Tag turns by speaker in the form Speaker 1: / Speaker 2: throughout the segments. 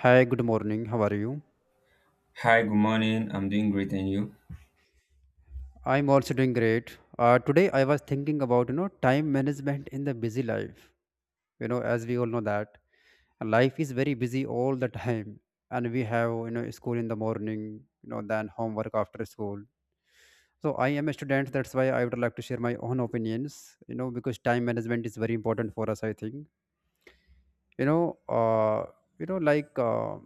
Speaker 1: Hi, good morning. How are you?
Speaker 2: Hi, good morning. I'm doing great, and you?
Speaker 1: I'm also doing great. Today I was thinking about time management in the busy life. As we all know that life is very busy all the time, and we have school in the morning, then homework after school. So I am a student. That's why I would like to share my own opinions. Because time management is very important for us. I think, you know uh, like, uh,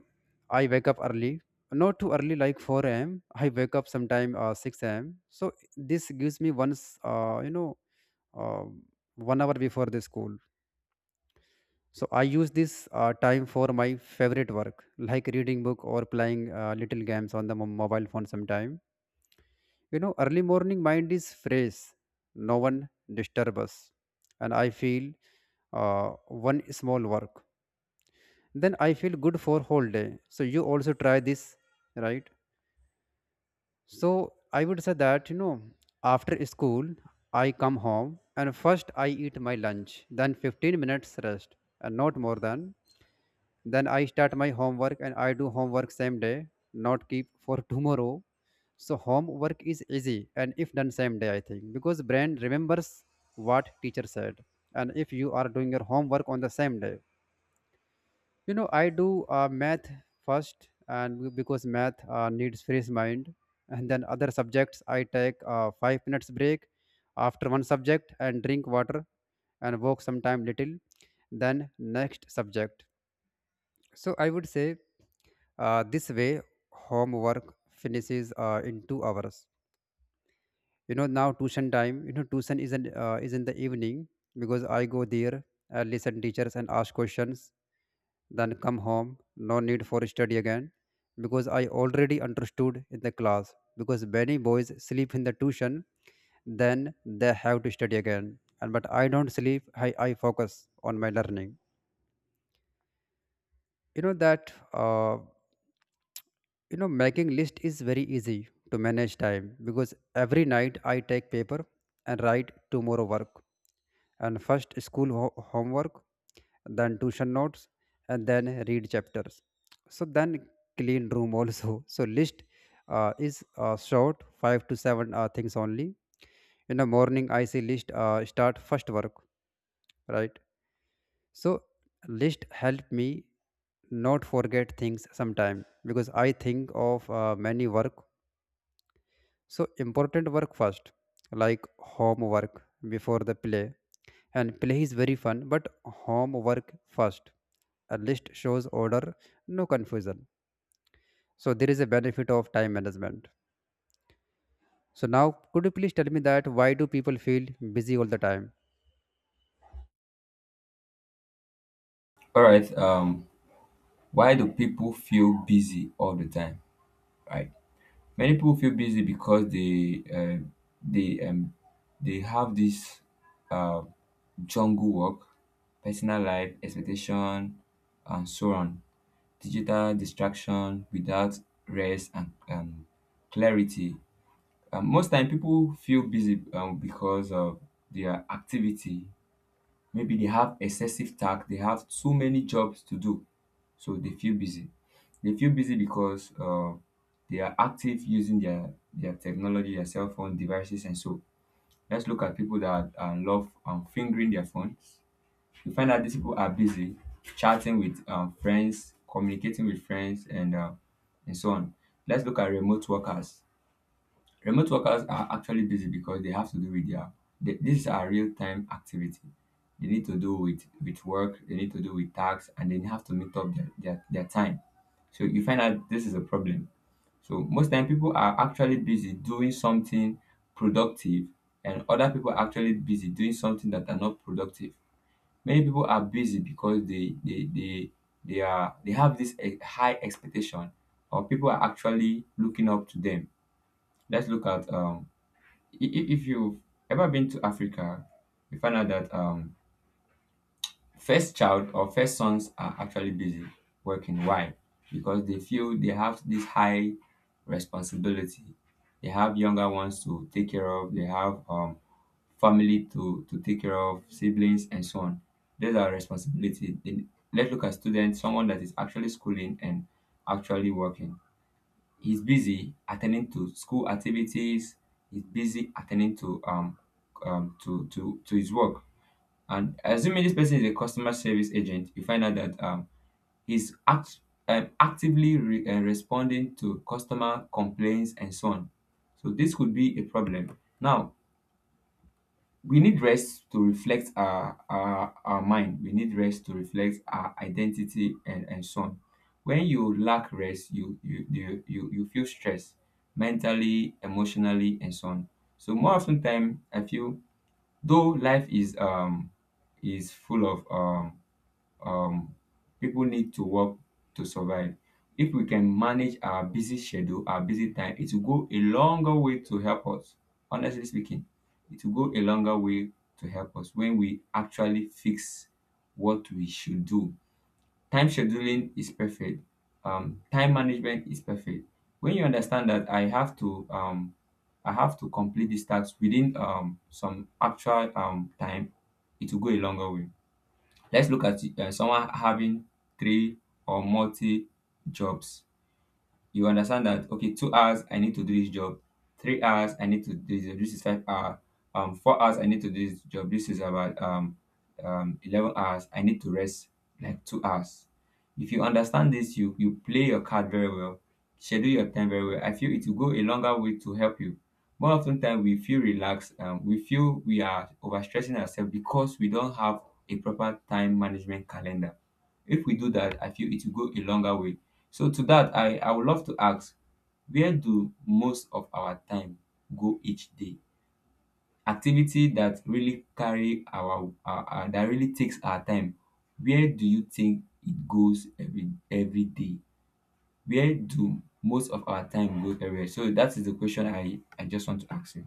Speaker 1: i wake up early, not too early, like 4 a.m. I wake up sometime, 6 a.m. So this gives me once, uh, you know uh, 1 hour before the school. So I use this time for my favorite work, like reading book or playing little games on the mobile phone sometime. Early morning mind is fresh, no one disturb us. And I feel uh, one small work, then I feel good for whole day. So you also try this, right? So I would say that after school I come home and first I eat my lunch, then 15 minutes rest and not more than. Then I start my homework and I do homework same day, not keep for tomorrow. So homework is easy and if done same day, I think, because brain remembers what teacher said. And if you are doing your homework on the same day, I do math first, and because math needs fresh mind, and then other subjects I take 5 minutes break after one subject, and drink water, and walk sometime little, then next subject. So I would say, this way homework finishes in 2 hours. Now tuition time. Tuition is in the evening because I go there and listen teachers and ask questions, then come home, no need for study again, because I already understood in the class, because many boys sleep in the tuition, then they have to study again. And but I don't sleep, I focus on my learning. You know that uh, you know making list is very easy to manage time because every night I take paper and write tomorrow work. And first school homework, then tuition notes, and then read chapters, so then clean room also so list is short, 5 to 7 things only. In the morning, I say list, start first work, right? So list help me not forget things sometime because I think of many work. So important work first, like homework before the play. And play is very fun, but homework first. A list shows order, no confusion. So there is a benefit of time management. So now could you please tell me that why do people feel busy all the time?
Speaker 2: All right. Why do people feel busy all the time? Right. Many people feel busy because they um they have this uh jungle work, personal life, expectation, and so on. Digital distraction without rest and clarity. Most time people feel busy because of their activity. Maybe they have excessive task, they have too many jobs to do, so they feel busy. They feel busy because they are active using their technology, their cell phone devices, and so. Let's look at people that love fingering their phones. You find that these people are busy chatting with friends, communicating with friends, and so on. Let's look at remote workers. Remote workers are actually busy because they have to do with this is a real time activity. They need to do with work, they need to do with tasks, and they have to meet up their time. So you find out this is a problem. So most time people are actually busy doing something productive, and other people are actually busy doing something that are not productive. Many people are busy because they have this high expectation, or people are actually looking up to them. Let's look at if you've ever been to Africa, you find out that first child or first sons are actually busy working. Why? Because they feel they have this high responsibility. They have younger ones to take care of. They have family to take care of, siblings and so on. Those are responsibility. Then let's look at students, someone that is actually schooling and actually working, he's busy attending to school activities. He's busy attending to his work. And assuming this person is a customer service agent, you find out that he's actively responding to customer complaints and so on. So this could be a problem. Now, we need rest to reflect our mind. We need rest to reflect our identity, and so on. When you lack rest, you feel stress mentally, emotionally, and so on. So more often time I feel, though life is full of um, people need to work to survive. If we can manage our busy schedule, our busy time, it will go a longer way to help us. Honestly speaking, it will go a longer way to help us when we actually fix what we should do. Time scheduling is perfect. Time management is perfect. When you understand that I have to complete this task within some actual time, it will go a longer way. Let's look at someone having three or multi jobs. You understand that, okay, 2 hours I need to do this job, 3 hours I need to do this job, this is 5 hours, 4 hours I need to do this job, this is about 11 hours. I need to rest like 2 hours. If you understand this, you play your card very well, schedule your time very well. I feel it will go a longer way to help you. More often time we feel relaxed. We feel we are overstressing ourselves because we don't have a proper time management calendar. If we do that, I feel it will go a longer way. So to that, I would love to ask, where do most of our time go each day? Activity that really carry our- that really takes our time. Where do you think it goes every day? Where do most of our time go everywhere? So that is the question I just want to ask you.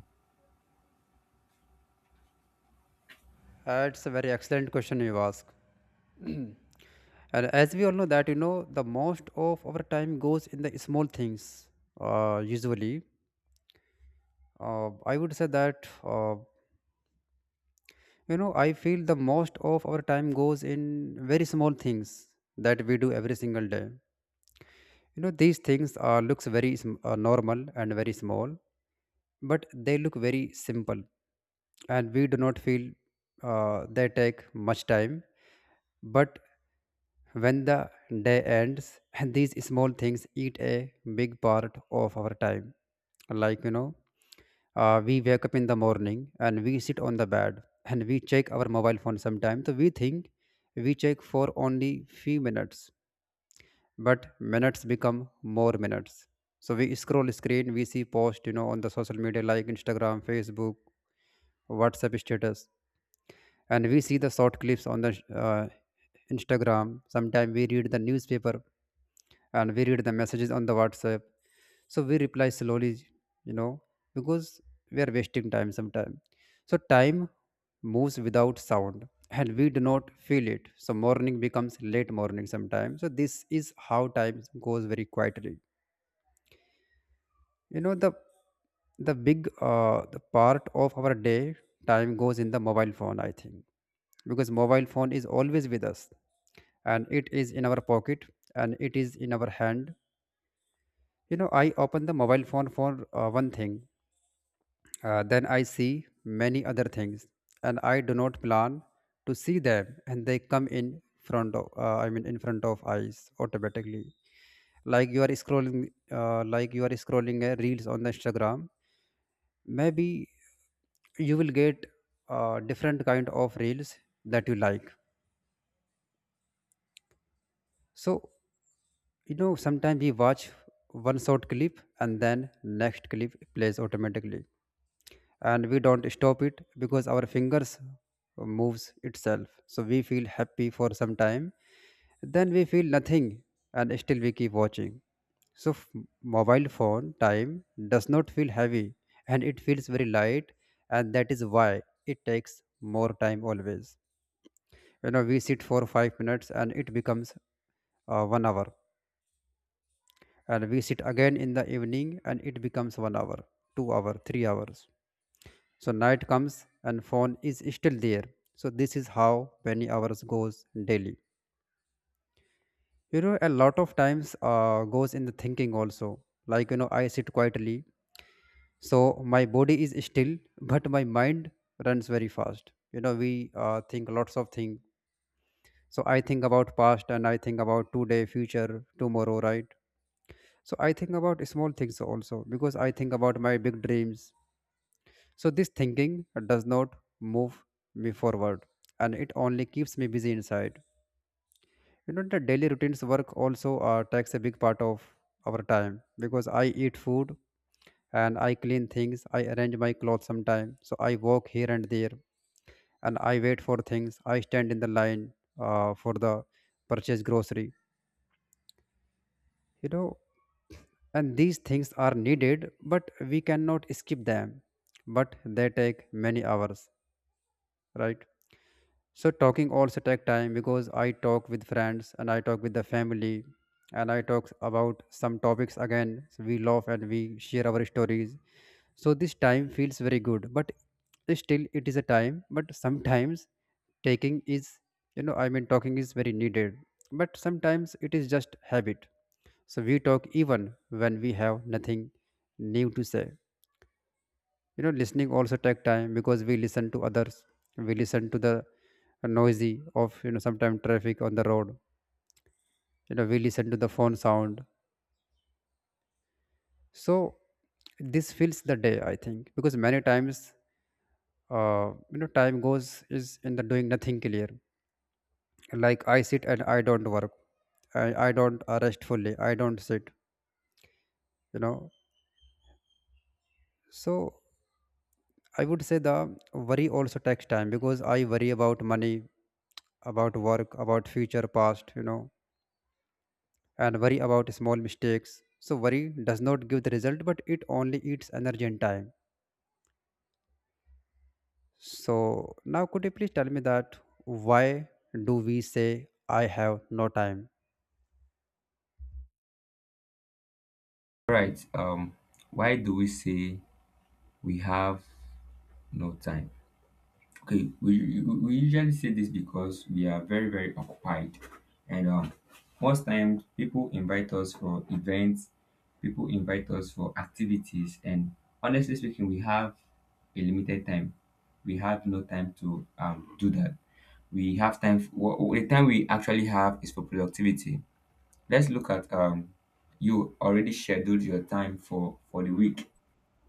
Speaker 1: That's a very excellent question you ask. And as we all know that the most of our time goes in the small things. Usually, I would say that, I feel the most of our time goes in very small things that we do every single day. These things are looks very normal and very small, but they look very simple, and we do not feel they take much time. But when the day ends, and these small things eat a big part of our time, like, we wake up in the morning, and we sit on the bed, and we check our mobile phone sometime. So we think we check for only few minutes, but minutes become more minutes. So we scroll screen, we see post on the social media like Instagram, Facebook, WhatsApp status. And we see the short clips on the Instagram. Sometime we read the newspaper, and we read the messages on the WhatsApp. So we reply slowly, you know, because we are wasting time sometimes. So time moves without sound and we do not feel it. So morning becomes late morning sometimes. So this is how time goes very quietly. You know, the the part of our day time goes in the mobile phone, I think. Because mobile phone is always with us, and it is in our pocket, and it is in our hand. I open the mobile phone for one thing, then I see many other things, and I do not plan to see them, and they come in front of, I mean, in front of eyes automatically. Like you are scrolling, a reels on the Instagram. Maybe you will get different kind of reels that you like. So, sometimes we watch one short clip, and then next clip plays automatically, and we don't stop it because our fingers moves itself. So we feel happy for some time, then we feel nothing, and still we keep watching. So mobile phone time does not feel heavy, and it feels very light, and that is why it takes more time always. We sit for 5 minutes and it becomes 1 hour. And we sit again in the evening and it becomes 1 hour, 2 hour, 3 hours. So night comes and phone is still there. So this is how many hours goes daily. A lot of times goes in the thinking also. Like, I sit quietly, so my body is still, but my mind runs very fast. We think lots of things. So I think about past, and I think about today, future, tomorrow, right? So I think about small things also because I think about my big dreams. So this thinking does not move me forward, and it only keeps me busy inside. The daily routines work also takes a big part of our time, because I eat food, and I clean things, I arrange my clothes sometime. So I walk here and there, and I wait for things, I stand in the line for the purchase grocery. You know, and these things are needed, but we cannot skip them. But they take many hours, right? So talking also take time because I talk with friends, and I talk with the family, and I talk about some topics again. So we laugh and we share our stories. So this time feels very good, but still it is a time. But sometimes taking is, I mean, talking is very needed. But sometimes it is just habit. So we talk even when we have nothing new to say. Listening also take time, because we listen to others, we listen to the noisy of, sometimes traffic on the road. We listen to the phone sound, so this fills the day, I think, because many times uh, time goes is in the doing nothing clear. Like, I sit and I don't work, I don't rest fully, I don't sit, you know so I would say the worry also takes time because I worry about money, about work, about future, past, and worry about small mistakes. So worry does not give the result, but it only eats energy and time. So now could you please tell me that why do we say I have no time?
Speaker 2: All right. Why do we say we have no time? Okay, we usually say this because we are very occupied, and most times people invite us for events, people invite us for activities, and honestly speaking, we have a limited time. We have no time to do that. We have time for, the time we actually have is for productivity. Let's look at you already scheduled your time for the week.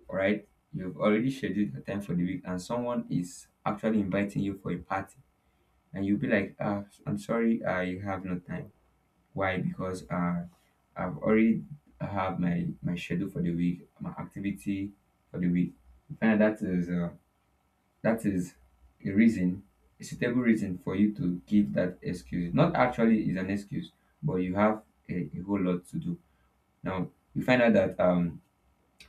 Speaker 2: All right, you've already scheduled your time for the week, and someone is actually inviting you for a party, and you'll be like, ah, I'm sorry, I have no time. Why? Because I've already have my schedule for the week, my activity for the week. You find that that is that is a reason, a suitable reason for you to give that excuse, not actually is an excuse, but you have a whole lot to do. Now you find out that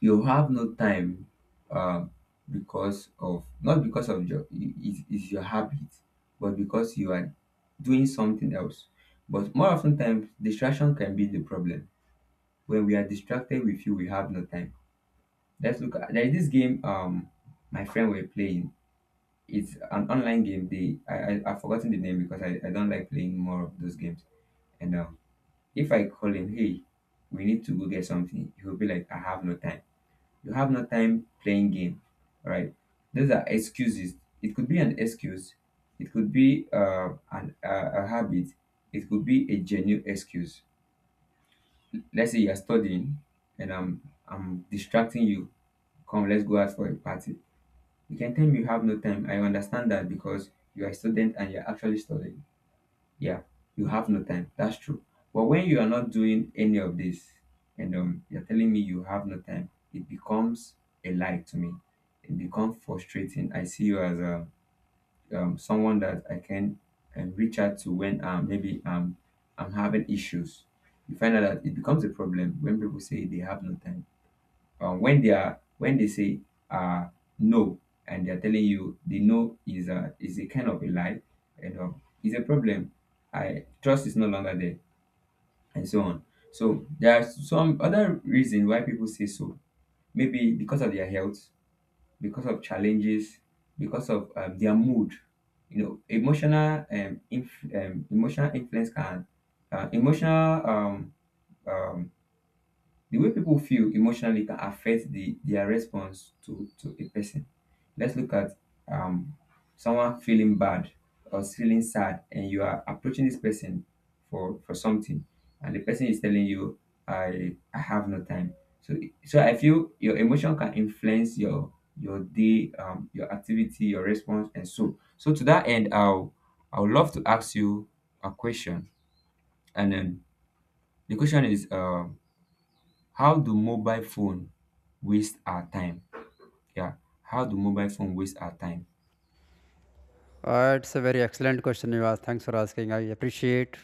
Speaker 2: you have no time, um because of, not because of your is your habit, but because you are doing something else. But more often times distraction can be the problem. When we are distracted, we feel we have no time. Let's look at, there is this game, my friend were playing, it's an online game they, I, I've forgotten the name because I don't like playing more of those games. And if I call him, hey, we need to go get something, he will be like, I have no time. You have no time playing game. All right, those are excuses. It could be an excuse, it could be a habit, it could be a genuine excuse. Let's say you're studying, and I'm distracting you, come let's go out for a party. You can tell me you have no time. I understand that, because you are a student and you're actually studying. Yeah, you have no time, that's true. But when you are not doing any of this, and you're telling me you have no time, it becomes a lie to me. It becomes frustrating. I see you as a someone that I can reach out to when maybe I'm having issues. You find out that it becomes a problem when people say they have no time, when they are when they say uh no, and they're telling you the no is a kind of a lie, and is a problem. I trust is no longer there, and so on. So there are some other reason why people say so. Maybe because of their health, because of challenges, because of their mood. You know, emotional emotional influence can, emotional um the way people feel emotionally can affect the their response to a person. Let's look at um someone feeling bad or feeling sad, and you are approaching this person for something, and the person is telling you, I have no time." So, so I feel your emotion can influence your day, your activity, your response, and so. So to that end, I would love to ask you a question, and then the question is, how do mobile phone waste our time? Yeah, how do mobile phone waste our time?
Speaker 1: It's a very excellent question you asked. Thanks for asking. I appreciate.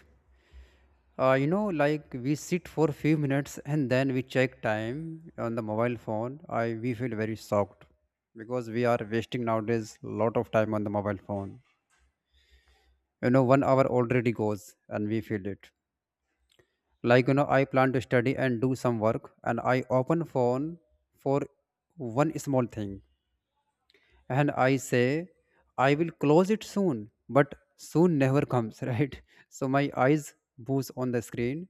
Speaker 1: Like we sit for few minutes, and then we check time on the mobile phone. I we feel very shocked because we are wasting nowadays lot of time on the mobile phone. 1 hour already goes and we feel it, like, I plan to study and do some work, and I open phone for one small thing, and I say I will close it soon, but soon never comes right? So my eyes boost on the screen,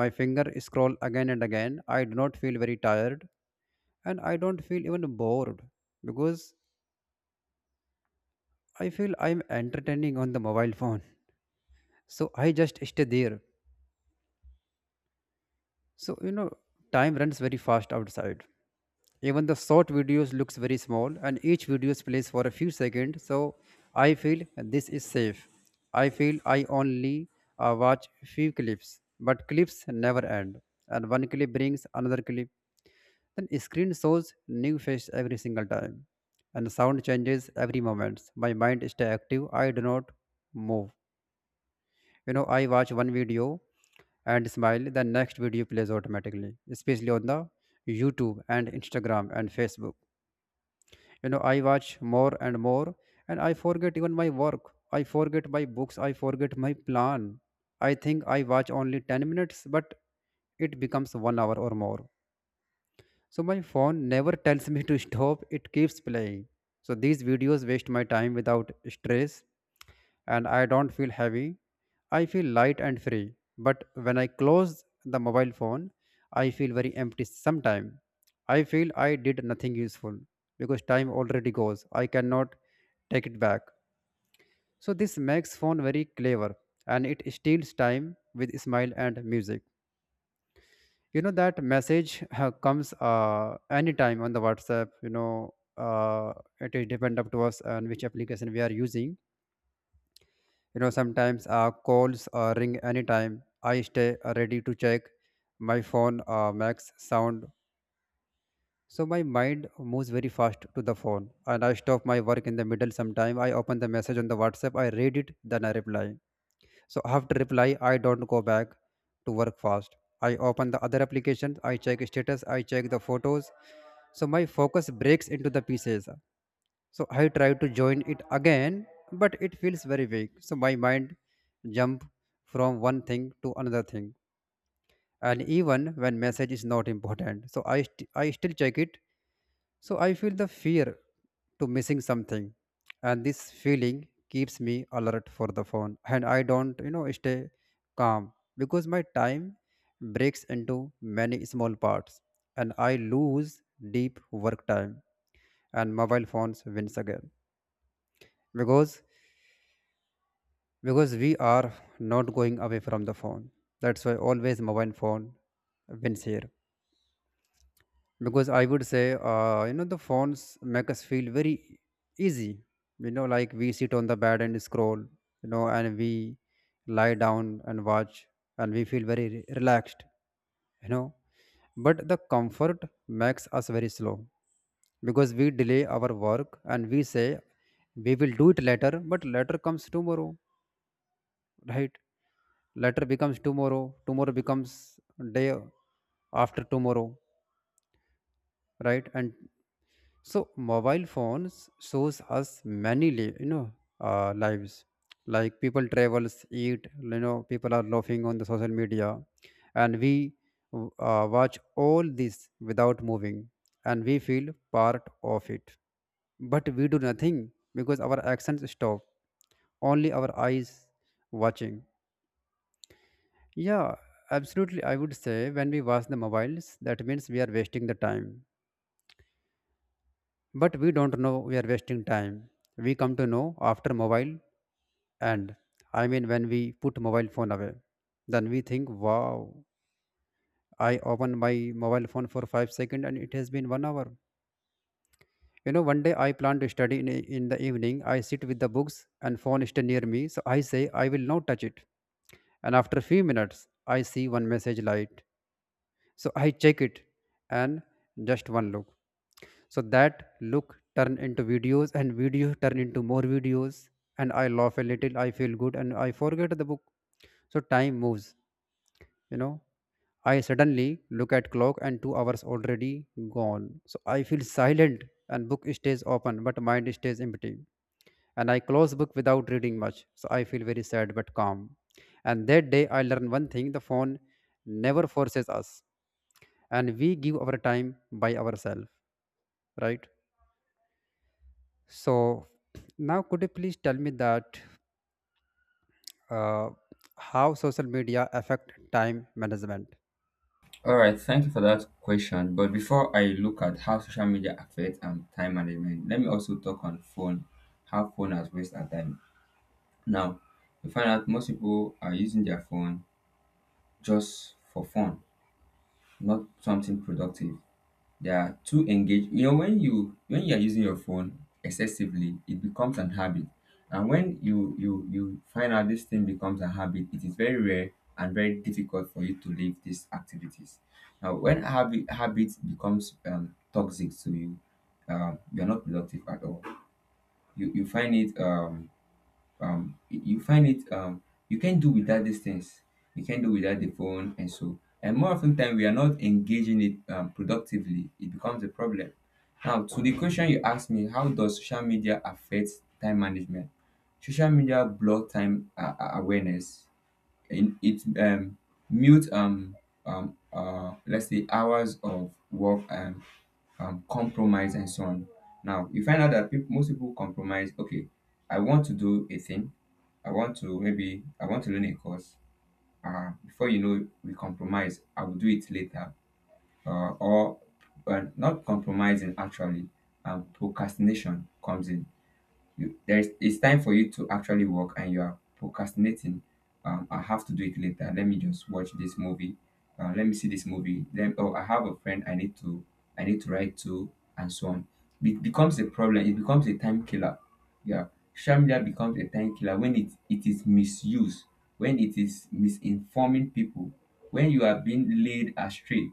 Speaker 1: my finger scroll again and again. I do not feel very tired, and I don't feel even bored, because I feel I'm entertaining on the mobile phone so I just stay there. So, time runs very fast outside. Even the short videos looks very small, and each video plays for a few seconds. So I feel this is safe. I feel I only watch few clips, but clips never end. And one clip brings another clip. Then screen shows new face every single time, and sound changes every moment. My mind stay active. I do not move. I watch one video and smile, the next video plays automatically, especially on the YouTube and Instagram and Facebook. I watch more and more, and I forget even my work. I forget my books. I forget my plan. I think I watch only 10 minutes, but it becomes one hour or more. So my phone never tells me to stop, it keeps playing. So these videos waste my time without stress, and I don't feel heavy. I feel light and free. But when I close the mobile phone, I feel very empty sometimes. I feel I did nothing useful because time already goes. I cannot take it back. So this makes phone very clever, and it steals time with smile and music. You know, that message comes anytime on the WhatsApp. Uh, it is depend up to us on which application we are using. You know, sometimes calls ring anytime. I stay ready to check my phone, max sound. So my mind moves very fast to the phone, and I stop my work in the middle. Sometime I open the message on the WhatsApp, I read it, then I reply. So after reply, I don't go back to work fast. I open the other applications, I check status, I check the photos. So my focus breaks into the pieces. So I try to join it again, but it feels very vague. So my mind jump from one thing to another thing. And even when message is not important, so I still check it. So I feel the fear to missing something, and this feeling keeps me alert for the phone, and I don't, you know, stay calm because my time breaks into many small parts, and I lose deep work time, and mobile phones wins again because we are not going away from the phone. That's why always mobile phone wins here. Because I would say, you know, the phones make us feel very easy. You know, like we sit on the bed and scroll, you know, and we lie down and watch, and we feel very relaxed, you know. But the comfort makes us very slow because we delay our work, and we say we will do it later, but later comes tomorrow, right? Later becomes tomorrow, tomorrow becomes day after tomorrow, right? and So mobile phones shows us many, lives. Like people travels, eat, you know, people are laughing on the social media, and we watch all this without moving, and we feel part of it. But we do nothing because our actions stop. Only our eyes watching. Yeah, absolutely. I would say when we watch the mobiles, that means we are wasting the time. But we don't know we are wasting time. We come to know after mobile, and I mean when we put mobile phone away. Then we think, wow, I opened my mobile phone for 5 seconds and it has been 1 hour. You know, one day I plan to study in the evening. I sit with the books and phone is near me. So I say, I will not touch it. And after few minutes, I see one message light. So I check it, and just one look. So that look turn into videos, and videos turn into more videos, and I laugh a little, I feel good, and I forget the book. So time moves, you know, I suddenly look at clock and 2 hours already gone. So I feel silent, and book stays open but mind stays empty, and I close book without reading much. So I feel very sad but calm. And that day I learn one thing: the phone never forces us, and we give our time by ourselves, right? So now could you please tell me that, uh, how social media affect time management?
Speaker 2: All right, thank you for that question. But before I look at how social media affects time management, let me also talk on phone, how phone has waste our time. Now, we find out most people are using their phone just for fun, not something productive. They are too engaged. You know, when you are using your phone excessively, it becomes an habit. And when you find out this thing becomes a habit, it is very rare and very difficult for you to leave these activities. Now, when habit becomes toxic to you, you are not productive at all. You find it you find it you can't do without these things, you can't do without the phone, and so, and more often time we are not engaging it productively, it becomes a problem. Now, to the question you asked me, how does social media affect time management? Social media block time awareness in it, mute, let's say hours of work, and compromise and so on. Now, you find out that most people compromise. Okay, I want to do a thing. I want to, maybe I want to learn a course. Uh, before you know it, we compromise, I will do it later. Or But not compromising actually, procrastination comes in. You there is It's time for you to actually work and you are procrastinating. I have to do it later. Let me just watch this movie. Uh, let me see this movie. Then, oh, I have a friend, I need to, I need to write to, and so on. It becomes a problem, it becomes a time killer. Yeah, social media becomes a time killer when it is misused, when it is misinforming people, when you are being led astray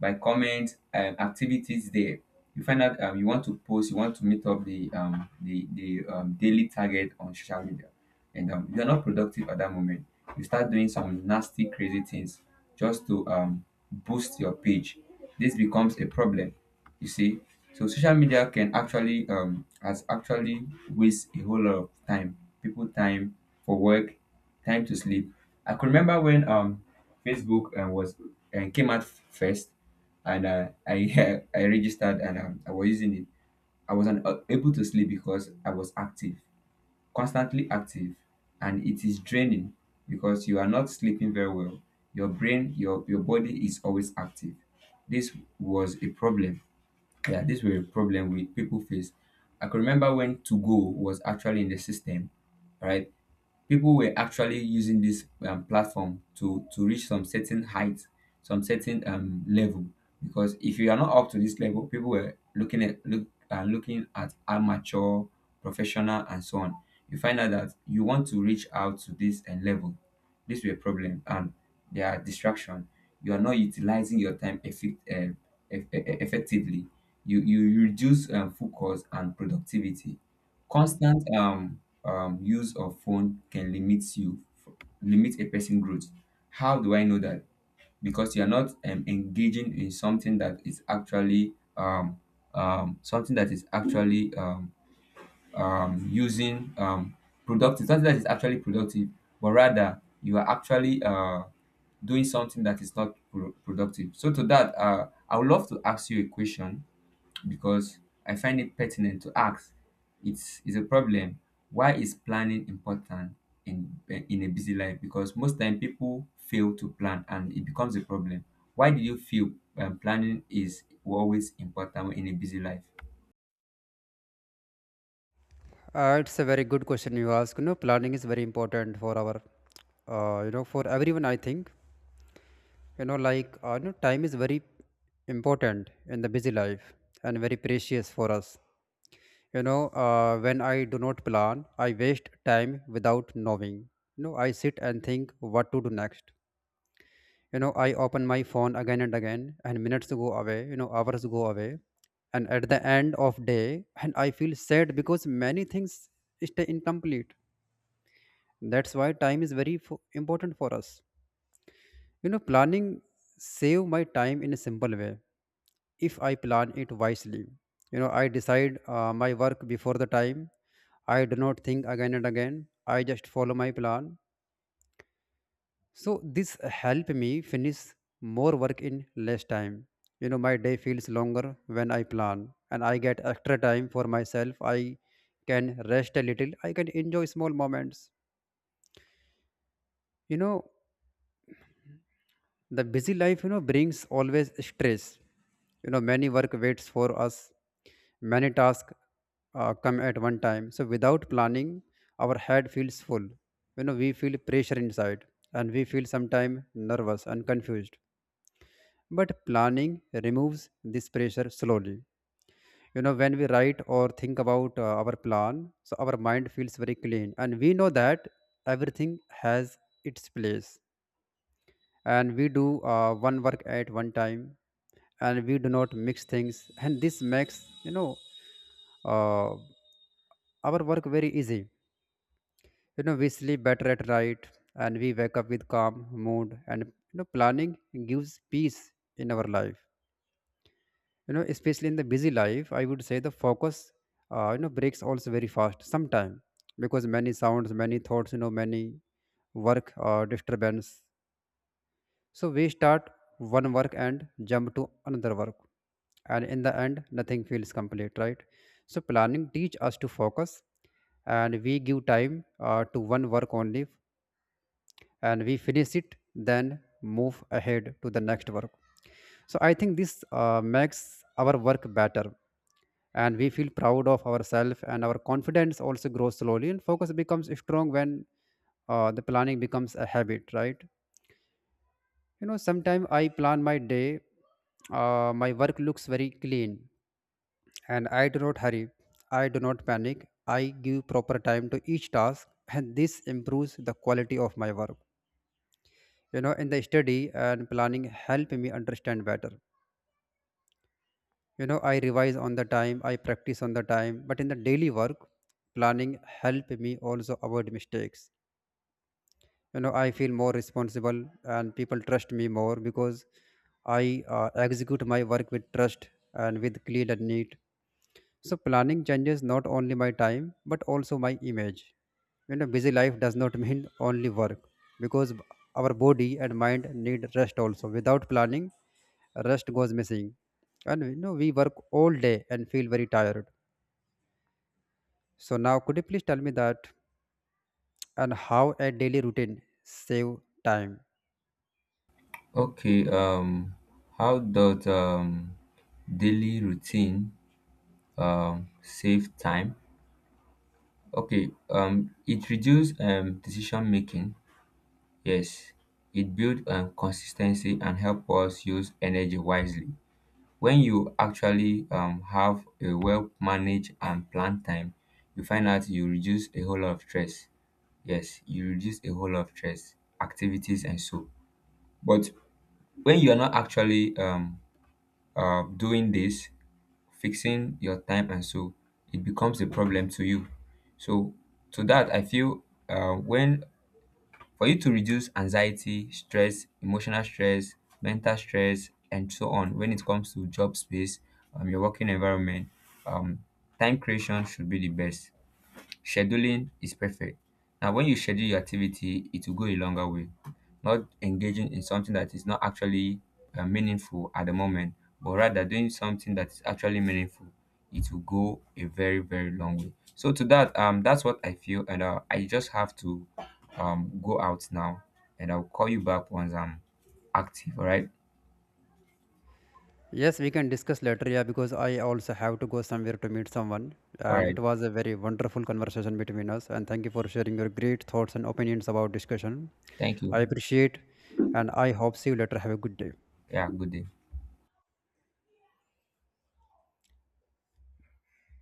Speaker 2: by comment, activities there. You find out, you want to post, you want to meet up the daily target on social media. And you're not productive at that moment. You start doing some nasty, crazy things just to boost your page. This becomes a problem, you see. So social media can actually, has actually waste a whole lot of time, people time for work, time to sleep. I could remember when, Facebook was and came out first, and I I registered and I was using it. I was not able to sleep because I was active, constantly active, and it is draining because you are not sleeping very well. Your brain, your body is always active. This was a problem. Yeah, this was a problem with people face. I can remember when to go was actually in the system, right? People were actually using this platform to reach some certain height, some certain level, because if you are not up to this level, people were looking at looking at amateur, professional and so on. You find out that you want to reach out to this level, this will be a problem. And there are distraction, you are not utilizing your time effectively. You reduce focus and productivity. Constant Use of phone can limit you, limit a person growth. How do I know that? Because you're not engaging in something that is actually something that is actually using productive, something that is actually productive, but rather you are actually doing something that is not productive. So to that, I would love to ask you a question, because I find it pertinent to ask. It's a problem. Why is planning important in in a busy life? Because most time people fail to plan and it becomes a problem. Why do you feel planning is always important in a busy life?
Speaker 1: It's a very good question you ask. You know, planning is very important for our, for everyone. I think, you know, like time is very important in the busy life and very precious for us. You know, when I do not plan, I waste time without knowing. You know, I sit and think what to do next. You know, I open my phone again and again, and minutes go away, you know, hours go away, and at the end of day and I feel sad because many things stay incomplete. That's why time is very important for us. You know, planning save my time in a simple way if I plan it wisely. You know, I decide my work before the time. I do not think again and again. I just follow my plan. So this helped me finish more work in less time. You know, my day feels longer when I plan and I get extra time for myself. I can rest a little. I can enjoy small moments. You know, the busy life, you know, brings always stress. You know, many work waits for us. Many tasks come at one time. So without planning, our head feels full. You know, we feel pressure inside, and we feel sometimes nervous and confused, but planning removes this pressure slowly. You know, when we write or think about our plan, so our mind feels very clean, and we know that everything has its place, and we do one work at one time, and we do not mix things, and this makes, you know, uh, our work very easy. You know, we sleep better at night, and we wake up with calm mood, and you know, planning gives peace in our life. You know, especially in the busy life, I would say the focus, you know, breaks also very fast sometime because many sounds, many thoughts, you know, many work disturbance. So we start one work and jump to another work, and in the end nothing feels complete, right? So planning teach us to focus, and we give time to one work only, and we finish it then move ahead to the next work. So I think this makes our work better, and we feel proud of ourselves, and our confidence also grows slowly, and focus becomes strong when the planning becomes a habit, right? You know, sometimes I plan my day, my work looks very clean, and I do not hurry, I do not panic, I give proper time to each task, and this improves the quality of my work. You know, in the study and planning help me understand better. You know, I revise on the time, I practice on the time, but in the daily work, planning help me also avoid mistakes. You know, I feel more responsible, and people trust me more because I execute my work with trust and with clean and neat. So planning changes not only my time but also my image. You know, busy life does not mean only work because our body and mind need rest also. Without planning, rest goes missing. And you know, we work all day and feel very tired. So now could you please tell me that, and how a daily routine save time?
Speaker 2: Okay, how does daily routine save time? Okay, it reduces decision making. Yes, it builds consistency and help us use energy wisely. When you actually have a well managed and planned time, you find out you reduce a whole lot of stress. Yes, you reduce a whole lot of stress, activities, and so. But when you are not actually doing this, fixing your time and so, it becomes a problem to you. So, to that, I feel, when for you to reduce anxiety, stress, emotional stress, mental stress and so on, when it comes to job space, your working environment, um, time creation should be the best. Scheduling is perfect. Now, when you schedule your activity, it will go a longer way. Not engaging in something that is not actually meaningful at the moment, but rather doing something that is actually meaningful, it will go a very, very long way. So to that, that's what I feel, and I just have to go out now, and I'll call you back once I'm active. All right,
Speaker 1: Yes, we can discuss later, yeah, because I also have to go somewhere to meet someone.
Speaker 2: all
Speaker 1: And
Speaker 2: right.
Speaker 1: it was a very wonderful conversation between us. And thank you for sharing your great thoughts and opinions about discussion.
Speaker 2: Thank you.
Speaker 1: I appreciate and I hope see you later. Have a good day.
Speaker 2: Yeah, good day.